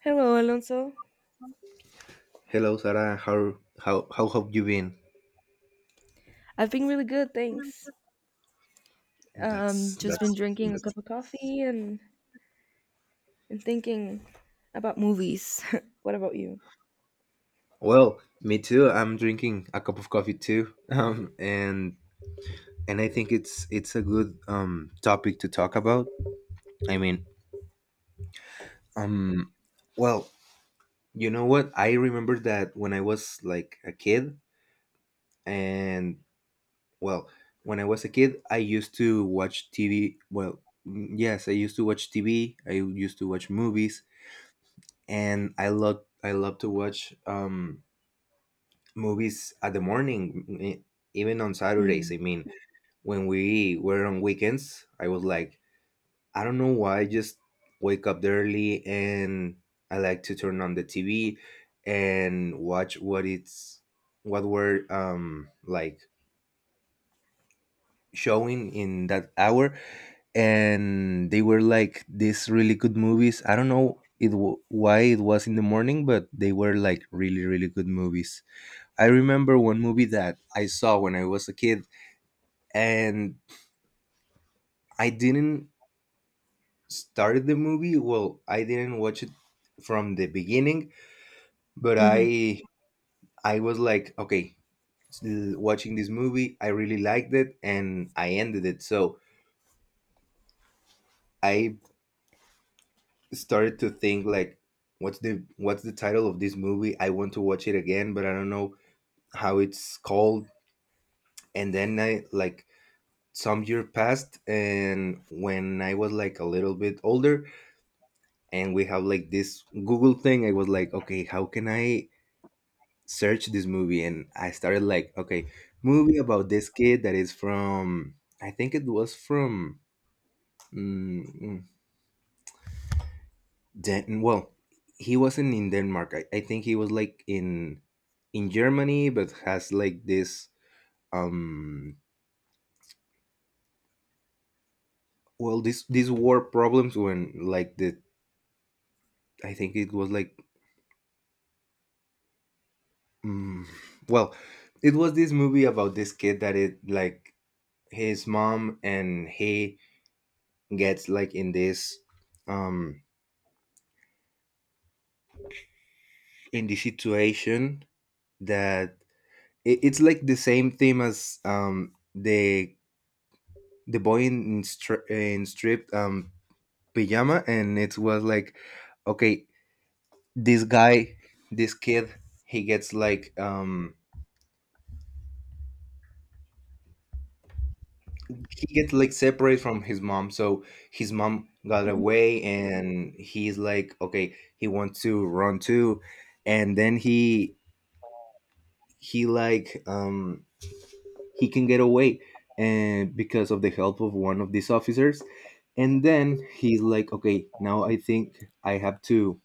Hello, Alonso. Hello, Sarah. How have you been? I've been really good, thanks. That's Just been that's, drinking a that's cup of coffee and thinking about movies. What about you? well. Me too. I'm drinking a cup of coffee too, and I think it's a good topic to talk about. I mean, um, well, you know what? I remember that when I was like a kid, and well, when I was a kid, I used to watch TV. Well, yes, I used to watch TV. I used to watch movies, and I love to watch movies at the morning, even on Saturdays. I mean, when we were on weekends, I was like, I don't know why, I just wake up early and I like to turn on the TV and watch what it's what were like showing in that hour, and they were like these really good movies. I don't know why it was in the morning, but they were like really really good movies. I remember one movie that I saw when I was a kid, and I didn't start the movie. Well, I didn't watch it from the beginning, but Mm-hmm. I was like, okay, s- watching this movie, I really liked it and I ended it. So, I started to think like what's the title of this movie? I want to watch it again, but I don't know how it's called. And then I like some year passed, and when I was like a little bit older, and we have like this Google thing, I was like, okay, how can I search this movie? And I started like, okay, movie about this kid that is from, I think it was from, mm, mm, well, he wasn't in Denmark. I think he was like in Germany, but has like this um well, this these war problems when like the, I think it was like, mm, well, it was this movie about this kid that it like, his mom, and he gets like in this um in the situation that it's like the same theme as the boy in in stripped pajama. And it was like, okay, this guy, this kid, he gets like um he gets like separate from his mom. So his mom got away and he's like, okay, he wants to run too. And then he like, he can get away, and because of the help of one of these officers. And then he's like, okay, now I think I have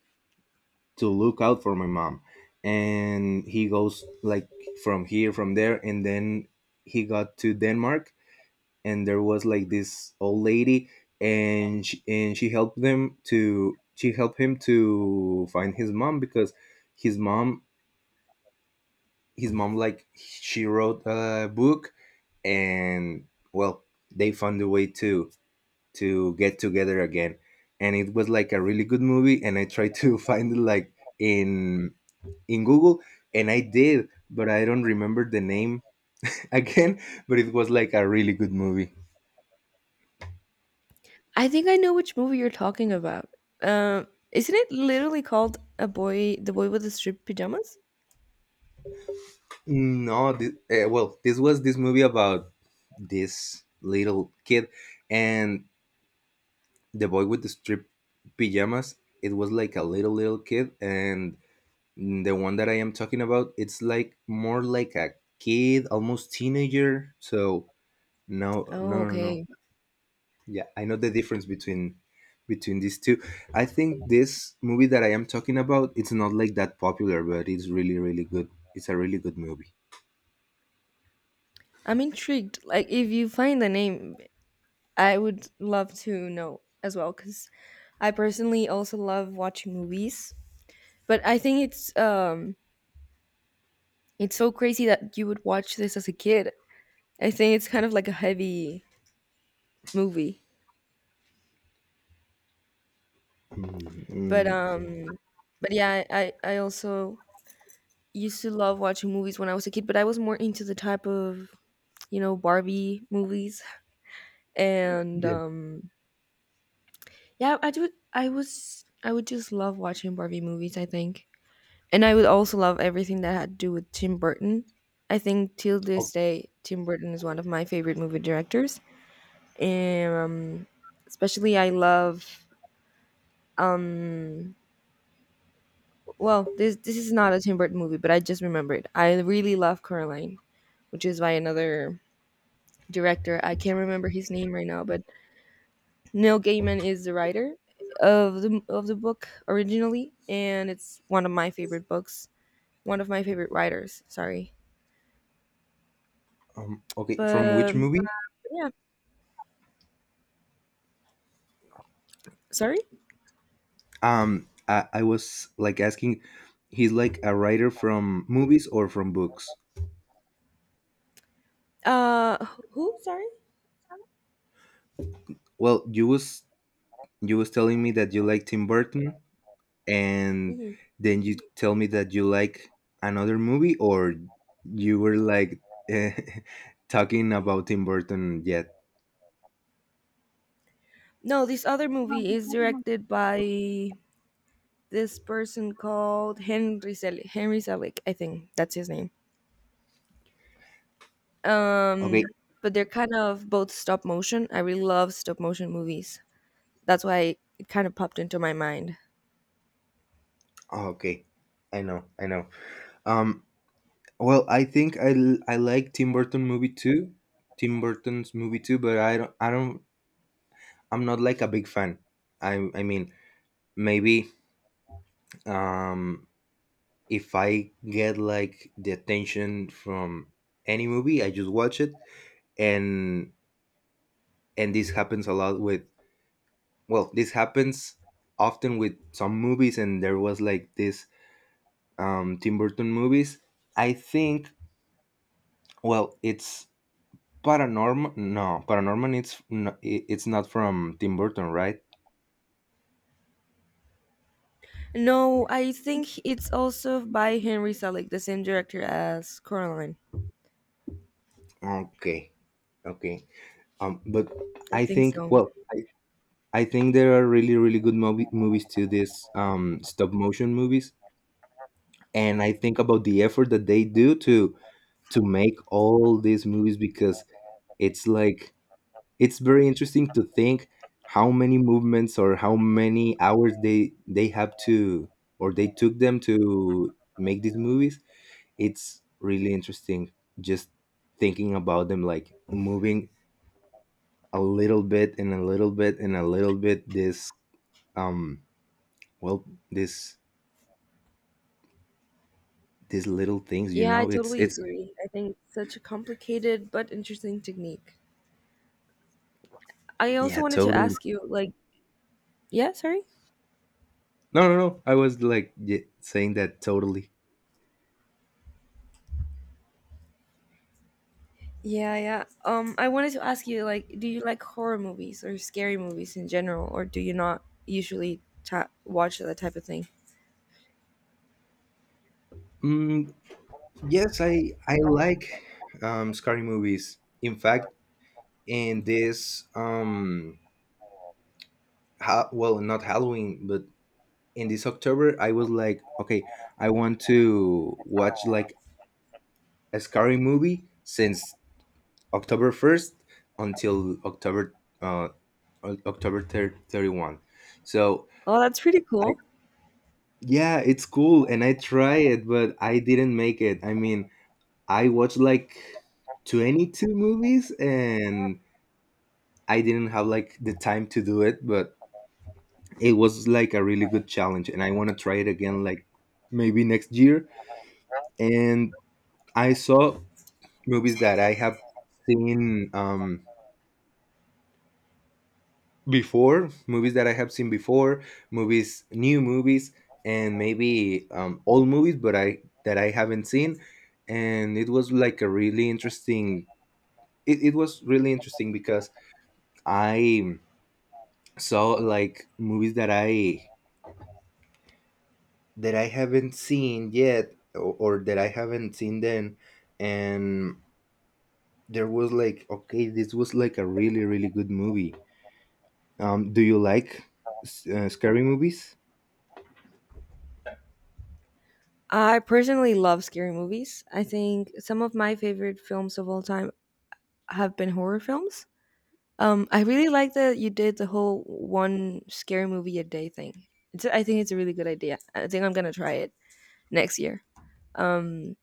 to look out for my mom. And he goes like from here, from there, and then he got to Denmark. And there was like this old lady, and she helped him to find his mom, because his mom, his mom like, she wrote a book, and well, they found a way to get together again. And it was like a really good movie, and I tried to find it like in in Google, and I did, but I don't remember the name again. But it was like a really good movie. I think I know which movie you're talking about. Isn't it literally called a boy, the boy with the striped pajamas? No, well, this was this movie about this little kid, and the boy with the strip pajamas, it was like a little little kid. And the one that I am talking about, it's like more like a kid, almost teenager. So no, no, Oh, no, no. okay. Yeah, I know the difference between these two. I think this movie that I am talking about, it's not like that popular, but it's really, really good. It's a really good movie. I'm intrigued. Like, if you find the name, I would love to know as well, because I personally also love watching movies. But I think it's it's so crazy that you would watch this as a kid. I think it's kind of like a heavy movie. Mm, But mm, um but yeah, I also used to love watching movies when I was a kid, but I was more into the type of, you know, Barbie movies and yeah. Yeah, I do I was I would just love watching Barbie movies, I think. And I would also love everything that had to do with Tim Burton. I think till O- this day Tim Burton is one of my favorite movie directors. And especially I love um well, this is not a Tim Burton movie, but I just remembered I really love Coraline, which is by another director. I can't remember his name right now, but Neil Gaiman is the writer of the book originally, and it's one of my favorite books, one of my favorite writers, sorry. Okay, But from which movie? yeah, sorry. I was like asking, he's like a writer from movies or from books. uh who, sorry? Well, you was, you was telling me that you like Tim Burton, and Mhm. then you tell me that you like another movie. Or you were like, eh, talking about Tim Burton yet. No, this other movie is directed by this person called Henry Selick. Henry Selick, I think that's his name. Okay, Um, but they're kind of both stop motion. I really love stop motion movies. That's why it kind of popped into my mind. oh, okay, I know, I know. Um, well, I think I like Tim Burton movie too, Tim Burton's movie too, but I don't I'm not like a big fan. I mean, maybe, um, if I get like the attention from any movie, I just watch it. and and this happens a lot with, well, this happens often with some movies. And there was like this Tim Burton movies, I think. Well, it's Paranormal, no, ParaNorman, it's, no, it- it's not from Tim Burton, right? No, I think it's also by Henry Selick, the same director as Coraline. Okay, okay. Um, but I I think think, so. I think there are really really movies to this stop motion movies. And I think about the effort that they do to make all these movies, because it's like, it's very interesting to think how many movements or how many hours they have to, or they took them to make these movies. It's really interesting, just thinking about them like moving a little bit and a little bit and a little bit. This um well, this these little things, you Yeah, I know, it's totally it's agree. I think it's such a complicated but interesting technique. I also yeah, wanted to totally. ask you, like, yeah, sorry. No, no, no, I was like, saying that totally. Yeah, yeah. I wanted to ask you, like, do you like horror movies or scary movies in general, or do you not usually watch that type of thing? mm, Yes, I like scary movies. In fact, in this well, not Halloween, but in this October, I was like, okay, I want to watch like a scary movie since October 1st until October October 31. So Oh, that's pretty I, cool. yeah, it's cool, and I try it, but I didn't make it. I mean, I watched like 22 movies, and I didn't have like the time to do it, but it was like a really good challenge, and I want to try it again, like maybe next year. And I saw movies that I have seen movies that I have seen before, movies, new movies, and maybe old movies, but I that I haven't seen. And it was like a really interesting. It was really interesting because I saw like movies that I haven't seen yet, or that I haven't seen then. And there was like, okay, this was like a really really good movie. Um, do you like scary movies? I personally love scary movies. I think some of my favorite films of all time have been horror films. I really like that you did the whole one scary movie a day thing. It's, I think it's a really good idea. I think I'm gonna try it next year. Um,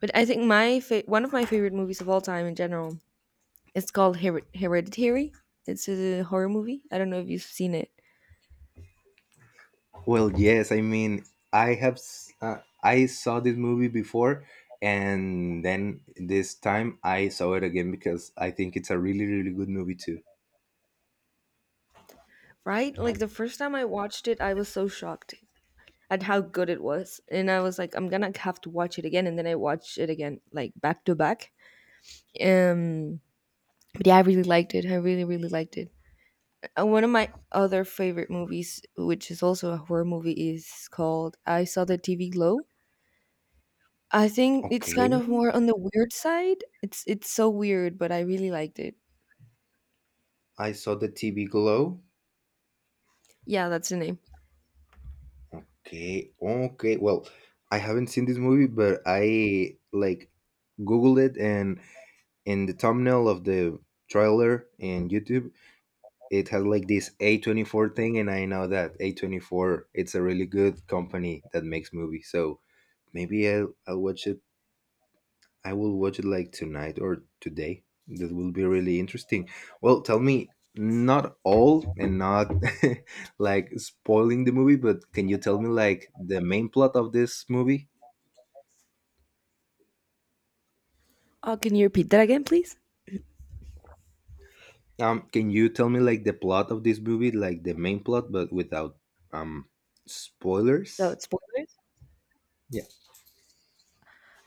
but I think my one of my favorite movies of all time in general, it's called Hereditary. It's a horror movie. I don't know if you've seen it, Well, yes, I mean, I have I saw this movie before. And then this time I saw it again, because I think it's a really really good movie too. right? Like the first time I watched it, I was so shocked at how good it was, and I was like, I'm gonna have to watch it again. And then I watched it again, like back to back. Um, but yeah, I really liked it. I really, really liked it. One of my other favorite movies, which is also a horror movie, is called I Saw the TV Glow. I think it's kind of Okay, more on the weird side. It's so weird, but I really liked it. I saw the TV glow. Yeah, that's the name. Okay, okay. Well, I haven't seen this movie, but I like googled it, and in the thumbnail of the trailer in YouTube, it has like this A24 thing, and I know that A24 it's a really good company that makes movies. So maybe I'll watch it, I will watch it like tonight or today. That will be really interesting. Well, tell me, not all, and not like spoiling the movie, but can you tell me like the main plot of this movie? Can you repeat that again, please? Can you tell me like the plot of this movie, like the main plot, but without um So spoilers? it's spoilers. Yeah.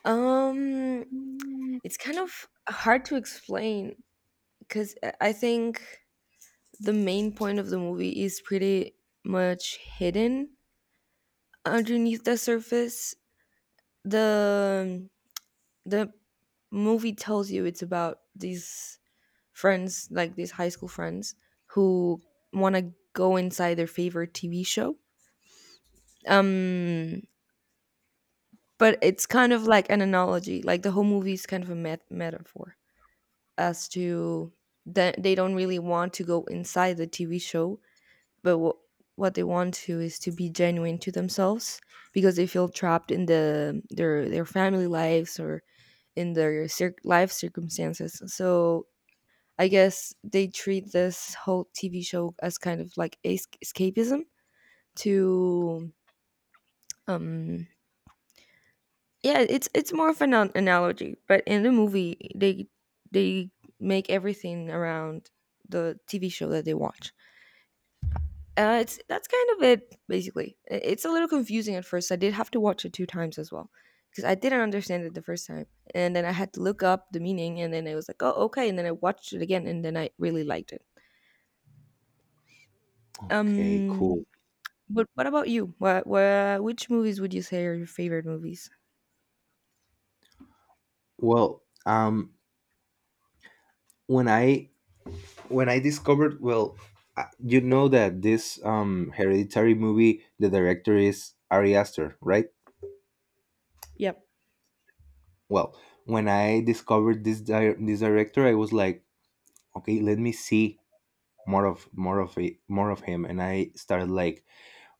Um, it's kind of hard to explain because I think the main point of the movie is pretty much hidden underneath the surface. The the movie tells you it's about these friends, like these high school friends, who want to go inside their favorite TV show. Um, but it's kind of like an analogy. Like the whole movie is kind of a metaphor, as to that they don't really want to go inside the TV show, but what they want to is to be genuine to themselves, because they feel trapped in the their family lives or in their life circumstances. So I guess they treat this whole TV show as kind of like escapism to um yeah, it's more of an analogy, but in the movie they make everything around the TV show that they watch. It's that's kind of it basically. It's a little confusing at first. I did have to watch it two times as well because I didn't understand it the first time, and then I had to look up the meaning, and then I was like, oh okay, and then I watched it again, and then I really liked it. Okay. Um, Cool. but what about you? What which movies would you say are your favorite movies? Well, when I when I discovered, well, you know that this hereditary movie, the director is Ari Aster, right? Yep. Well, when I discovered this director, I was like, okay, let me see more of it, more of him. And I started like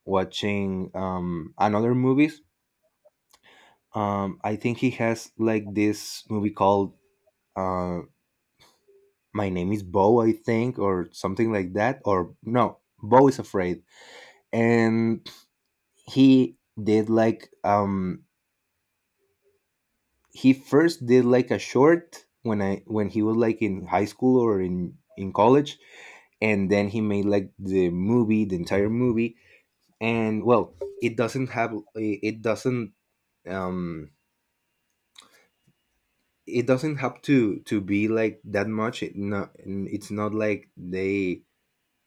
watching another movies. I think he has like this movie called uh, My Name Is Bo, I think, or something like that, or no, Bo is Afraid. And he did like he first did like a short when he was like in high school or in college. And then he made like the movie, the entire movie. And well, it doesn't have it doesn't um it doesn't have to be like that much. It's not like they,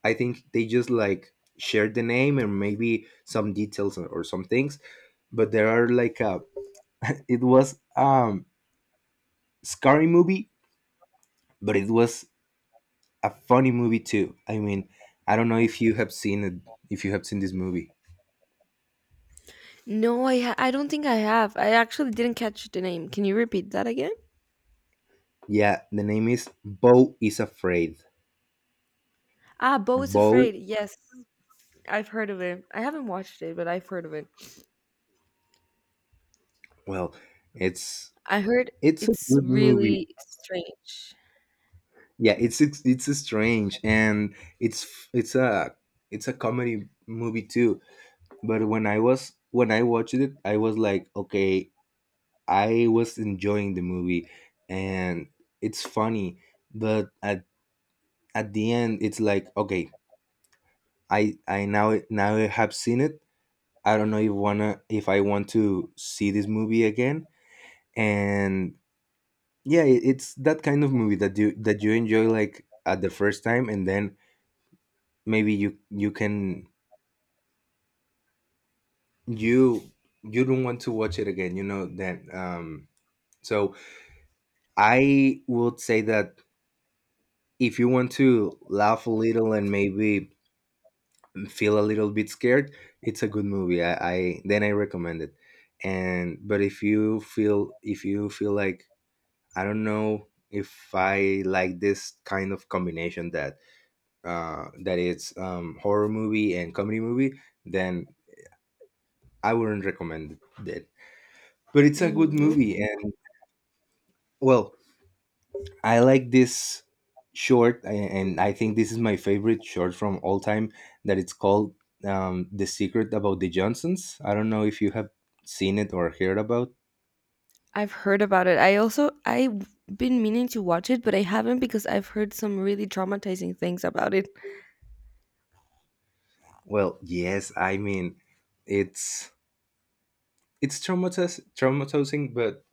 I think they just like shared the name and maybe some details or some things. But there are like a it was scary movie, but it was a funny movie too. I mean, I don't know if you have seen it, if you have seen this movie. No, I don't think I have. I actually didn't catch the name. Can you repeat that again? Yeah, the name is Bo is Afraid. Ah, Bo is Bo, Afraid. Yes, I've heard of it. I haven't watched it, but I've heard of it. well, it's I heard it's a it's good movie. really strange. Yeah, it's it's strange, and it's it's a it's a comedy movie too. But when I was when I watched it, I was like, okay, I was enjoying the movie, and it's funny. But at the end, it's like, okay, I now I have seen it, I don't know if wanna, if I want to see this movie again. And yeah, it- it's that kind of movie that you enjoy like at the first time, and then maybe you you can you you don't want to watch it again, you know that, um. So I would say that if you want to laugh a little and maybe feel a little bit scared, it's a good movie. I then I recommend it. And but if you feel like I don't know if I like this kind of combination that it's horror movie and comedy movie, then I wouldn't recommend it. But it's a good Mm, movie, okay. and well, I like this short, and I think this is my favorite short from all time. That it's called "The Secret About the Johnsons." I don't know if you have seen it or heard about. I've heard about it. I also I've been meaning to watch it, but I haven't because I've heard some really traumatizing things about it. Well, yes, I mean, it's it's traumatizing, traumatizing. But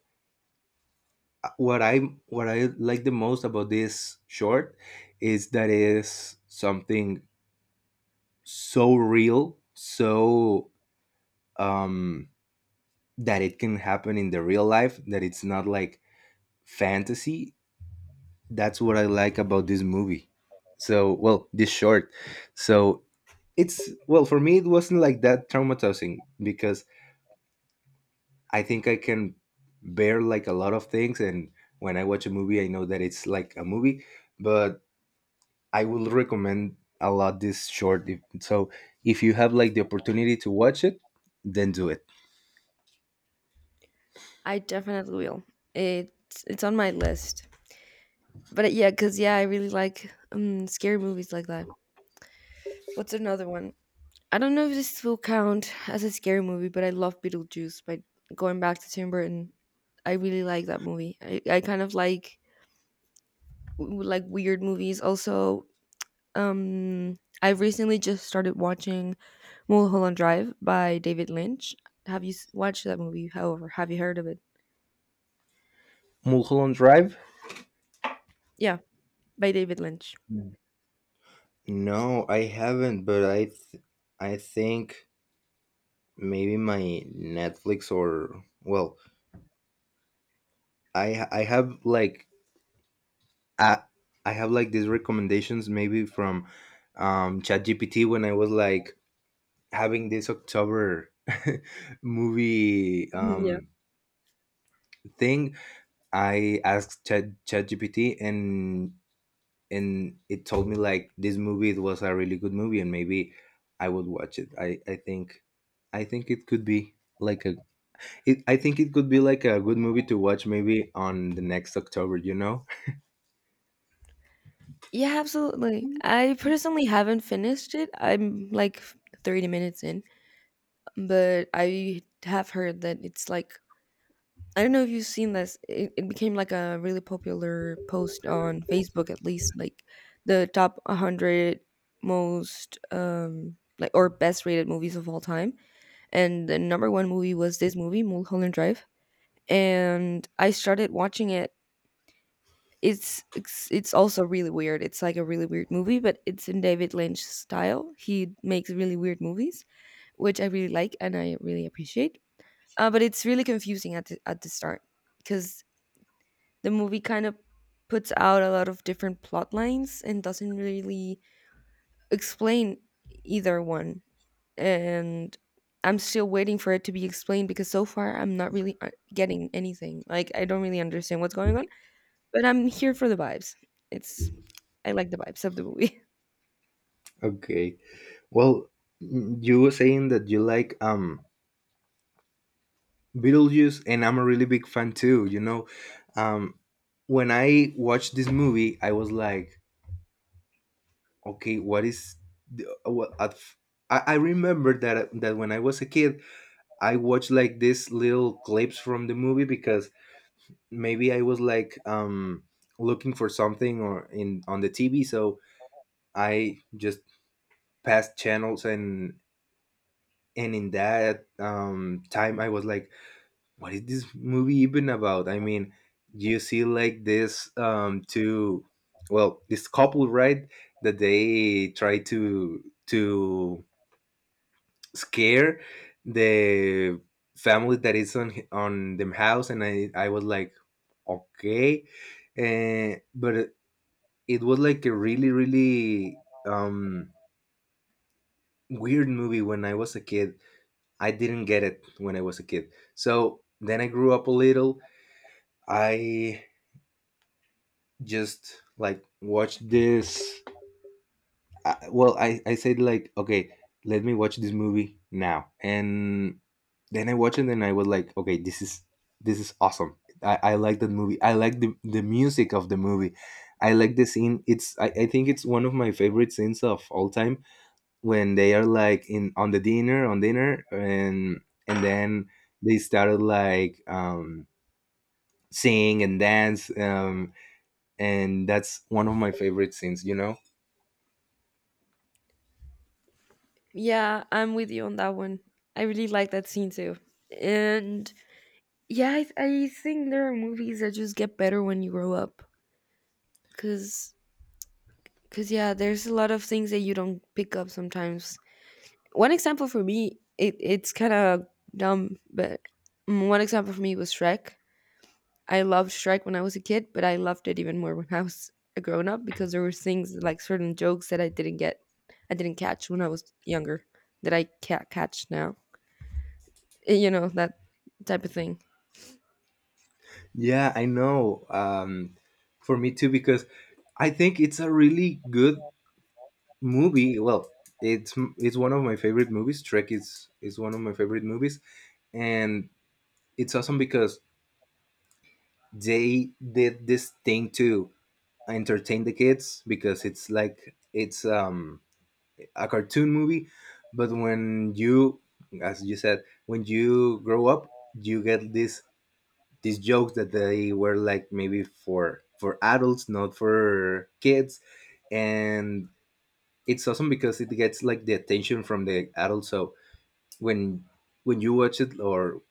what I what I like the most about this short is that it is something so real, so um, that it can happen in the real life. That it's not like fantasy. That's what I like about this movie. So, well, this short. So, it's, well, for me, it wasn't like that traumatizing because I think I can bear like a lot of things. And when I watch a movie, I know that it's like a movie, but I will recommend a lot this short. If you have like the opportunity to watch it, then do it. I definitely will. It's on my list. But yeah, cuz yeah, I really like scary movies like that. What's another one? I don't know if this will count as a scary movie, but I love Beetlejuice. By going back to Tim Burton, I really like that movie. I kind of like like weird movies. Also, I recently just started watching Mulholland Drive by David Lynch. Have you watched that movie? However, have you heard of it? Mulholland Drive? Yeah, by David Lynch. No, I haven't, but I think maybe my Netflix, or well, I I have like I, I have like these recommendations maybe from ChatGPT when I was like having this October movie Mhm, yeah. Thing. I asked ChatGPT, and it told me like this movie it was a really good movie and maybe I would watch it. I think it could be like I think it could be like a good movie to watch maybe on the next October, you know? Yeah, absolutely. I personally haven't finished it. I'm like 30 minutes in, but I have heard that it's like I don't know if you've seen this. It became like a really popular post on Facebook, at least like the top 100 most like or best rated movies of all time. And the number one movie was this movie, Mulholland Drive. And I started watching it. It's also really weird. It's like a really weird movie, but it's in David Lynch style. He makes really weird movies, which I really like and I really appreciate. But it's really confusing at the start because the movie kind of puts out a lot of different plot lines and doesn't really explain either one. And I'm still waiting for it to be explained because so far I'm not really getting anything. Like I don't really understand what's going on, but I'm here for the vibes. It's I like the vibes of the movie. Okay. Well, you were saying that you like Beetlejuice, and I'm a really big fan too. Um, when I watched this movie, I was like, okay, what is? The, what, at f- I remember that when I was a kid, I watched like these little clips from the movie because maybe I was like looking for something or in on the TV, so I just passed channels, and in that time I was like, what is this movie even about? I mean, you see like this two well, this couple, right? That they try to scare the family that is on them house, and I was like, okay. But it was like a really really weird movie when I was a kid. I didn't get it when I was a kid. So then I grew up a little. I just like watch this well, I said like, okay, let me watch this movie now, and then I watched it and I was like, okay, this is awesome. I like that movie. I like the music of the movie. I like the scene. I think it's one of my favorite scenes of all time, when they are like in on the dinner on dinner, and then they started like sing and dance, and that's one of my favorite scenes, you know. Yeah, I'm with you on that one. I really like that scene too. And yeah, I think there are movies that just get better when you grow up because Because, yeah, there's a lot of things that you don't pick up sometimes. One example for me, it's kind of dumb, but mm, one example for me was Shrek. I loved Shrek when I was a kid, but I loved it even more when I was a grown up, because there were things like certain jokes that I didn't get, I didn't catch when I was younger that I can't catch now. Eh, you know, that type of thing. Yeah, I know. For me too, because I think it's a really good movie. Well, it's one of my favorite movies. Trek is one of my favorite movies, and it's awesome because they did this thing to entertain the kids because it's like it's a cartoon movie, but when you, as you said, when you grow up, you get this these jokes that they were like maybe for adults, not for kids, and it's awesome because it gets like the attention from the adults. So when when you watch it, or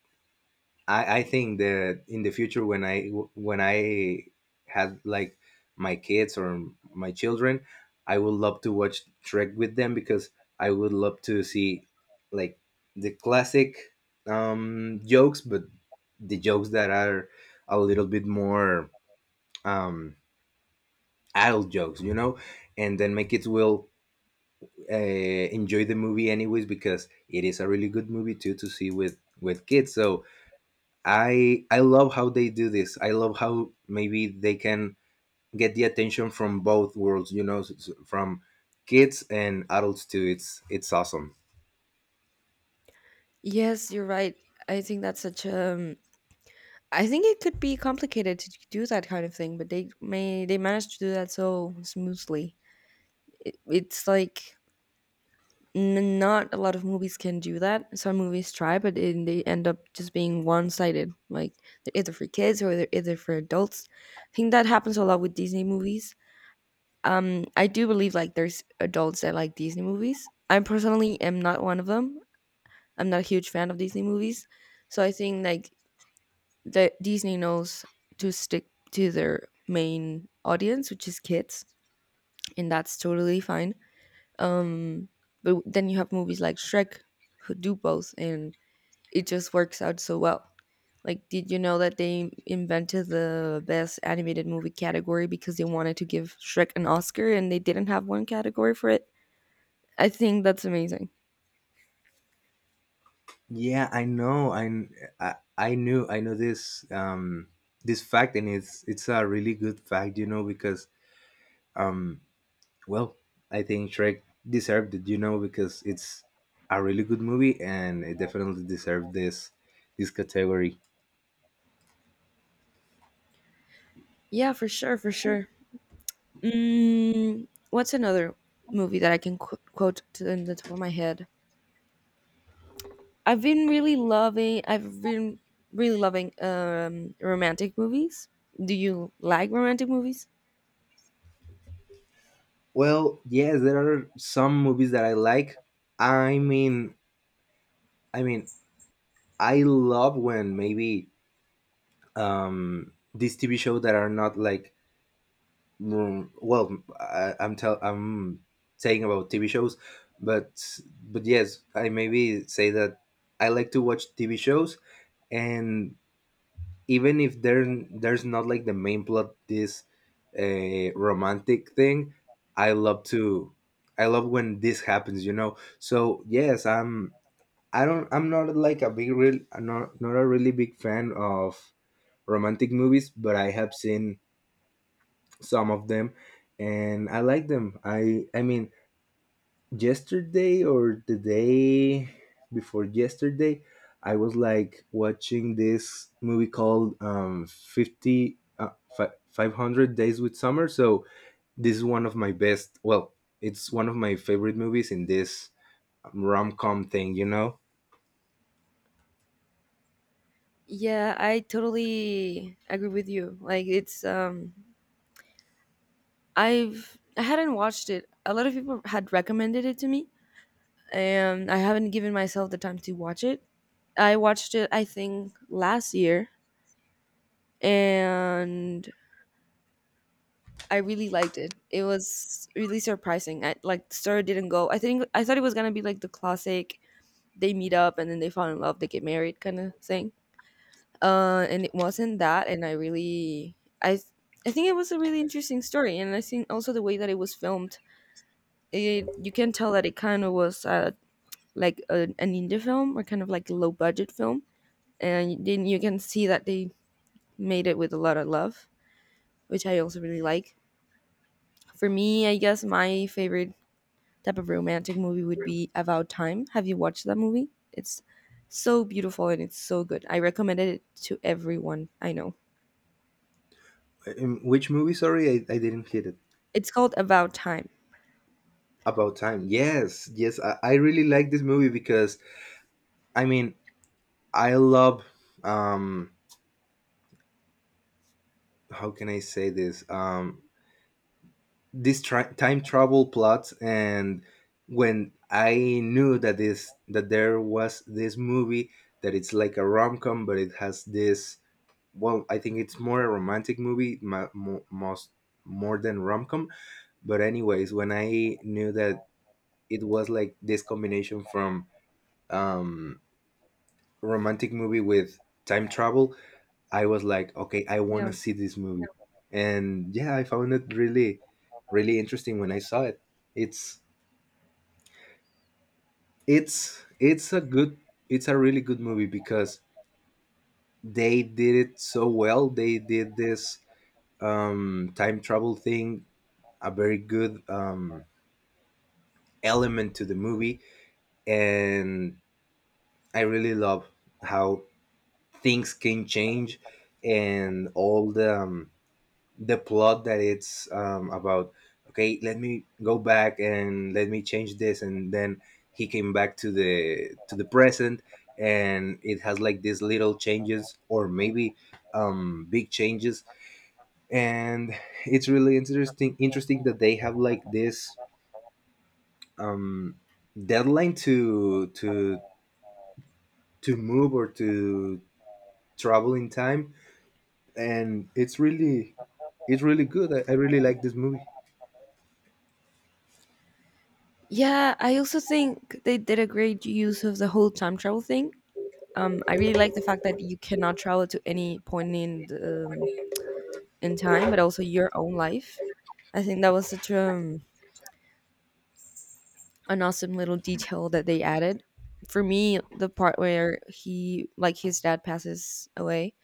I think that in the future when I had like my kids or my children, I would love to watch Trek with them because I would love to see like the classic jokes, but the jokes that are a little bit more um, adult jokes, you know, and then my kids will enjoy the movie anyways because it is a really good movie too to see with kids. So I love how they do this. I love how maybe they can get the attention from both worlds, you know, from kids and adults too. It's awesome. Yes, you're right. I think that's such I think it could be complicated to do that kind of thing, but they managed to do that so smoothly. It's like not a lot of movies can do that. Some movies try, but it, they end up just being one sided. Like they're either for kids or they're either for adults. I think that happens a lot with Disney movies. I do believe like there's adults that like Disney movies. I personally am not one of them. I'm not a huge fan of Disney movies, so I think like that Disney knows to stick to their main audience, which is kids, and that's totally fine. Um, but then you have movies like Shrek who do both, and it just works out so well. Like, did you know that they invented the best animated movie category because they wanted to give Shrek an Oscar and they didn't have one category for it? I think that's amazing. Yeah, I know. I kn- I knew I know this fact, and it's a really good fact, you know, because um well, I think Shrek deserved it, you know, because it's a really good movie and it definitely deserved this category. Yeah, for sure, for sure. Mm, what's another movie that I can quote to in the top of my head? I've been really loving. I've been really loving romantic movies. Do you like romantic movies? Well, yes, there are some movies that I like. I mean, I mean, I love when maybe these TV shows that are not like well, I, I'm tell I'm saying about TV shows, but yes, I maybe say that I like to watch TV shows, and even if there's not like the main plot this romantic thing. I love to i love when this happens, you know. So yes, I'm I don't I'm not a really big fan of romantic movies, but I have seen some of them and I like them. I mean, yesterday, or the day before yesterday, I was like watching this movie called 500 days with summer, so this is one of my best well it's one of my favorite movies in this rom-com thing, you know. Yeah, I totally agree with you. Like it's I hadn't watched it. A lot of people had recommended it to me and I haven't given myself the time to watch it. I watched it I think last year, and I really liked it. It was really surprising. I like the story didn't go. I think I thought it was going to be like the classic they meet up and then they fall in love, they get married kind of thing, and it wasn't that, and I really i th- I think it was a really interesting story, and I think also the way that it was filmed, it you can tell that it kind of was like an indie film or kind of like a low budget film, and then you can see that they made it with a lot of love, which I also really like. For me, I guess my favorite type of romantic movie would be About Time. Have you watched that movie? It's so beautiful and it's so good. I recommended it to everyone I know. In which movie? Sorry, I didn't hit it. It's called About Time. About time? Yes, yes, I really like this movie because I mean, I love um how can I say this, this time travel plot. And when I knew that this that there was this movie that it's like a rom-com but it has this, well, I think it's more a romantic movie mo- mo- most more than rom-com, but anyways, when I knew that it was like this combination from um romantic movie with time travel, I was like, okay, I want Yeah. to see this movie. And yeah, I found it really really interesting when I saw it. It's it's it's a good it's a really good movie because they did it so well. They did this time travel thing, a very good element to the movie. And I really love how things can change and all the plot that it's about, okay, let me go back and let me change this, and then he came back to the present, and it has like these little changes, or maybe big changes, and it's really interesting that they have like this um, deadline to move or to travel in time. And it's really good. I really like this movie. Yeah, I also think they did a great use of the whole time travel thing. I really like the fact that you cannot travel to any point in the, in time, but also your own life. I think that was such an awesome little detail that they added. For me, the part where he, like his dad, passes away,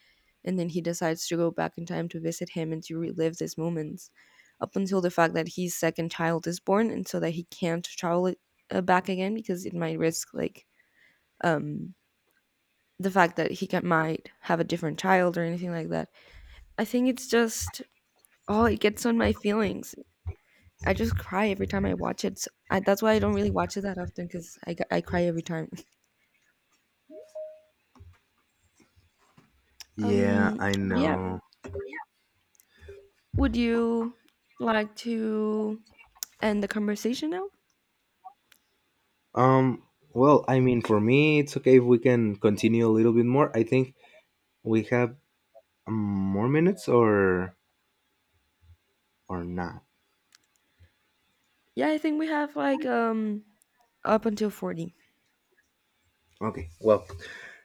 and then he decides to go back in time to visit him and to relive these moments up until the fact that his second child is born and so that he can't travel it, back again because it might risk like um the fact that he can, might have a different child or anything like that, I think it's just oh it gets on my feelings. I just cry every time I watch it, so that's why I don't really watch it that often, because I cry every time. Yeah, Um, I but yeah, know. would you like to end the conversation now? Um, well, I mean, for me, it's okay if we can continue a little bit more. I think we have more minutes, or not. Yeah, I think we have like up until 40. Okay. Well,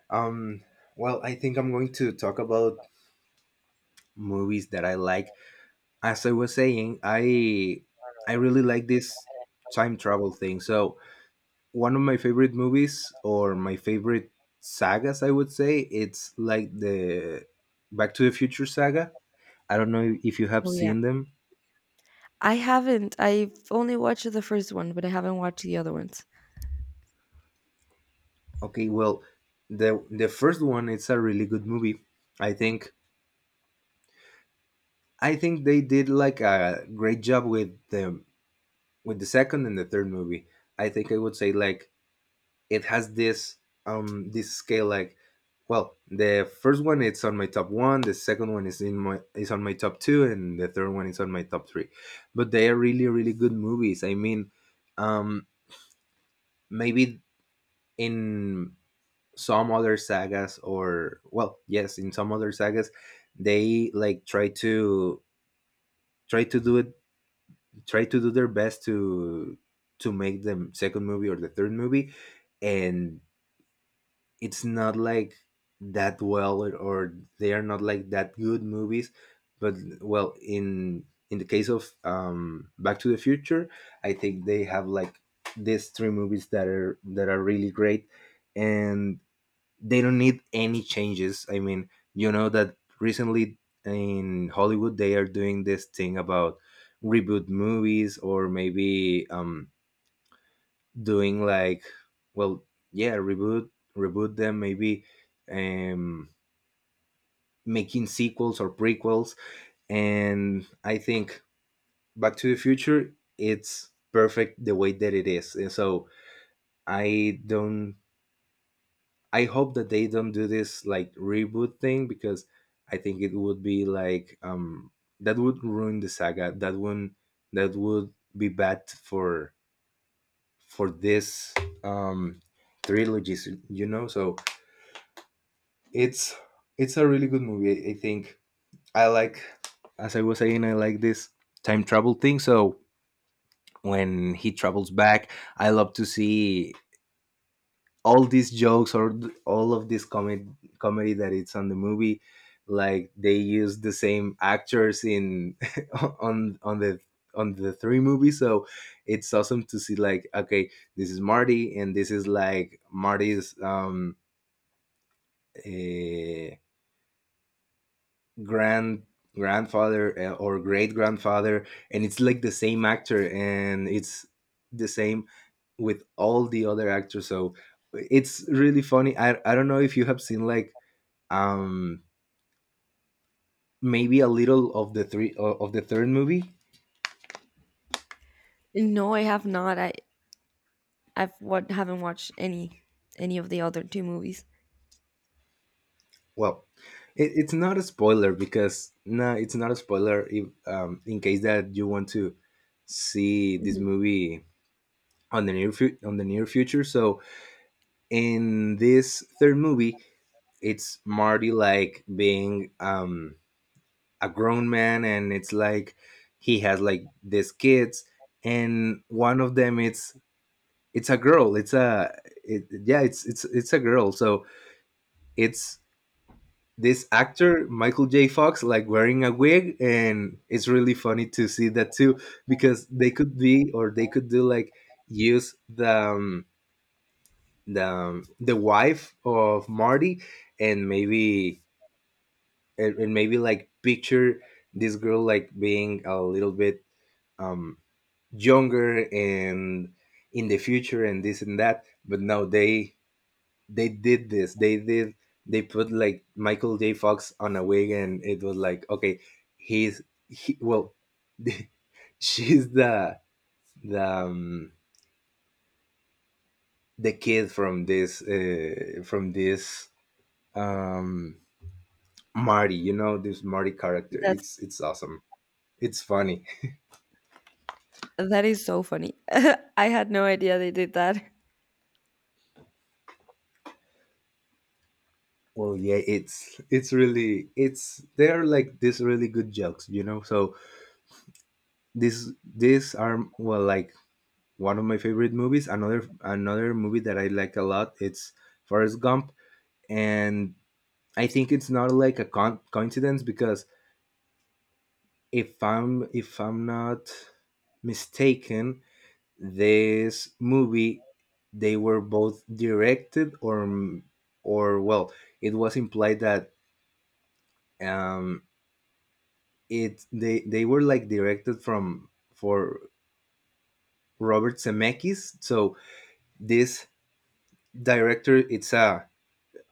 um, well, I think I'm going to talk about movies that I like. As I was saying, I really like this time travel thing. So one of my favorite movies, or my favorite sagas, I would say, it's like the Back to the Future saga. I don't know if you have Oh yeah. seen them. I haven't. I've only watched the first one, but I haven't watched the other ones. Okay, well, the first one it's a really good movie. I think I think they did like a great job with the second and the third movie. I think I would say like it has this scale like, well, the first one it's on my top 1, the second one is in my is on my top 2, and the third one is on my top 3. But they are really really good movies. I mean, um maybe in some other sagas, or well, yes, in some other sagas they like try to do it, try to do their best to make the second movie or the third movie, and it's not like that well, or they are not like that good movies. But well, in the case of Back to the Future, I think they have like these three movies that are really great, and they don't need any changes. I mean, you know that recently in Hollywood they are doing this thing about reboot movies, or maybe doing like, well, yeah, reboot them, maybe um making sequels or prequels. And I think Back to the Future it's perfect the way that it is. And so I don't I hope that they don't do this like reboot thing because I think it would be like that would ruin the saga. That would be bad for this um trilogies, you know. So it's it's a really good movie. I think I like, as I was saying, I like this time travel thing. So when he travels back, I love to see all these jokes or all of this comedy that it's on the movie, like they use the same actors in on the on the three movies. So it's awesome to see, like, okay, this is marty and this is like marty's eh, grand grandfather or great grandfather, and it's like the same actor, and it's the same with all the other actors. So it's really funny. I don't know if you have seen like um maybe a little of the of the third movie. No, I have not. I I've what haven't watched any of the other two movies. Well, it's not a spoiler because, no, it's not a spoiler if, in case that you want to see this Mhm. movie on the on the near future. So in this third movie, it's marty like being a grown man, and it's like he has like these kids, and one of them, it's a girl. It's a yeah, it's it's a girl. So it's this actor Michael J. Fox like wearing a wig, and it's really funny to see that too, because they could be, or they could do, like, use the wife of Marty, and maybe and maybe like picture this girl like being a little bit um younger and in the future and this and that. But no, they they did this, they did, they put like michael j fox on a wig, and it was like, okay, he's he, well, she's the the um, the kid from this um marty, you know, this marty character. That's It's awesome. It's funny. that is so funny. I had no idea they did that. Well, yeah, it's really, it's, they're like this really good jokes, you know. So this, these are, well, like one of my favorite movies. Another movie that I like a lot, it's Forrest Gump. And I think it's not like a coincidence because, if I'm not mistaken, this movie, they were both directed, or well, it was implied that, um, it, they were like directed from for Robert Zemeckis. So this director, it's a,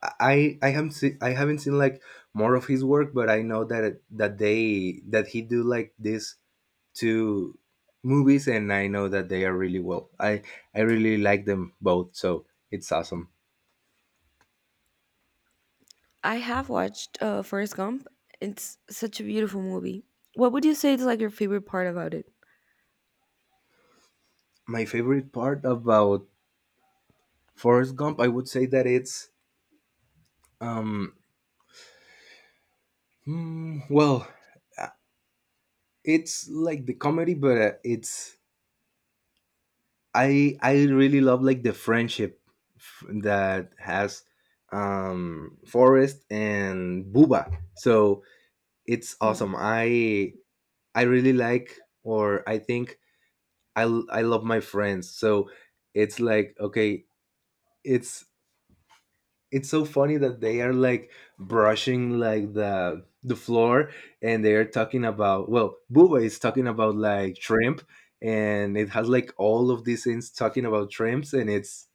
I haven't seen, I haven't seen like more of his work, but I know that that they, that he do like these two movies, and I know that they are really well. I really like them both, so it's awesome. I have watched Forrest Gump. It's such a beautiful movie. What would you say is like your favorite part about it? My favorite part about Forrest Gump, I would say that it's um well, uh, it's like the comedy, but it's, I really love like the friendship that has Forrest and Booba. So it's awesome. I really like, or I think, I love my friends. So it's like, okay, it's it's so funny that they are like brushing like the floor, and they are talking about, well, Booba is talking about like shrimp, and it has like all of these things talking about shrimps, and it's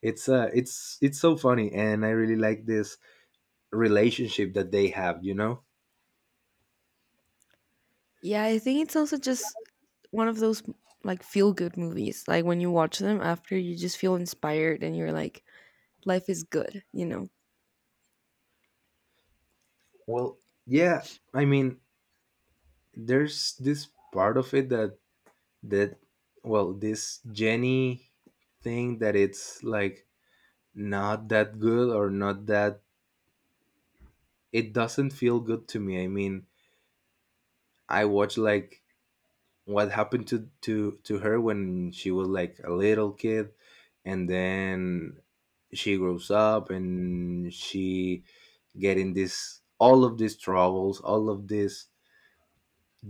It's uh, it's so funny, and I really like this relationship that they have, you know. Yeah, I think it's also just one of those like feel good movies. Like when you watch them after, you just feel inspired and you're like, life is good, you know? Well, yeah, I mean, there's this part of it that that, well, this Jenny thing that it's like not that good or not that, it doesn't feel good to me. I mean, I watch like what happened to her when she was like a little kid, and then she grows up and she getting this, all of these troubles, all of these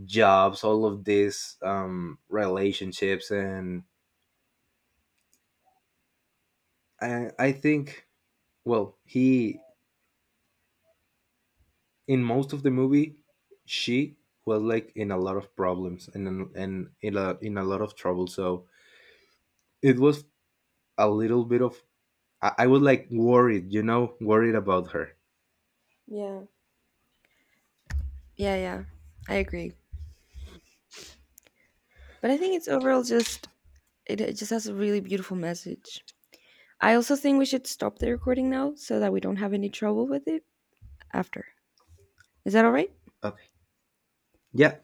jobs, all of these relationships, and I think, well, he, in most of the movie, she was like in a lot of problems, and in a lot of trouble. So it was a little bit of, I was like worried, you know, worried about her. Yeah. Yeah, yeah, I agree. But I think it's overall just, it just has a really beautiful message. I also think we should stop the recording now so that we don't have any trouble with it after. Is that all right? Okay. Yeah,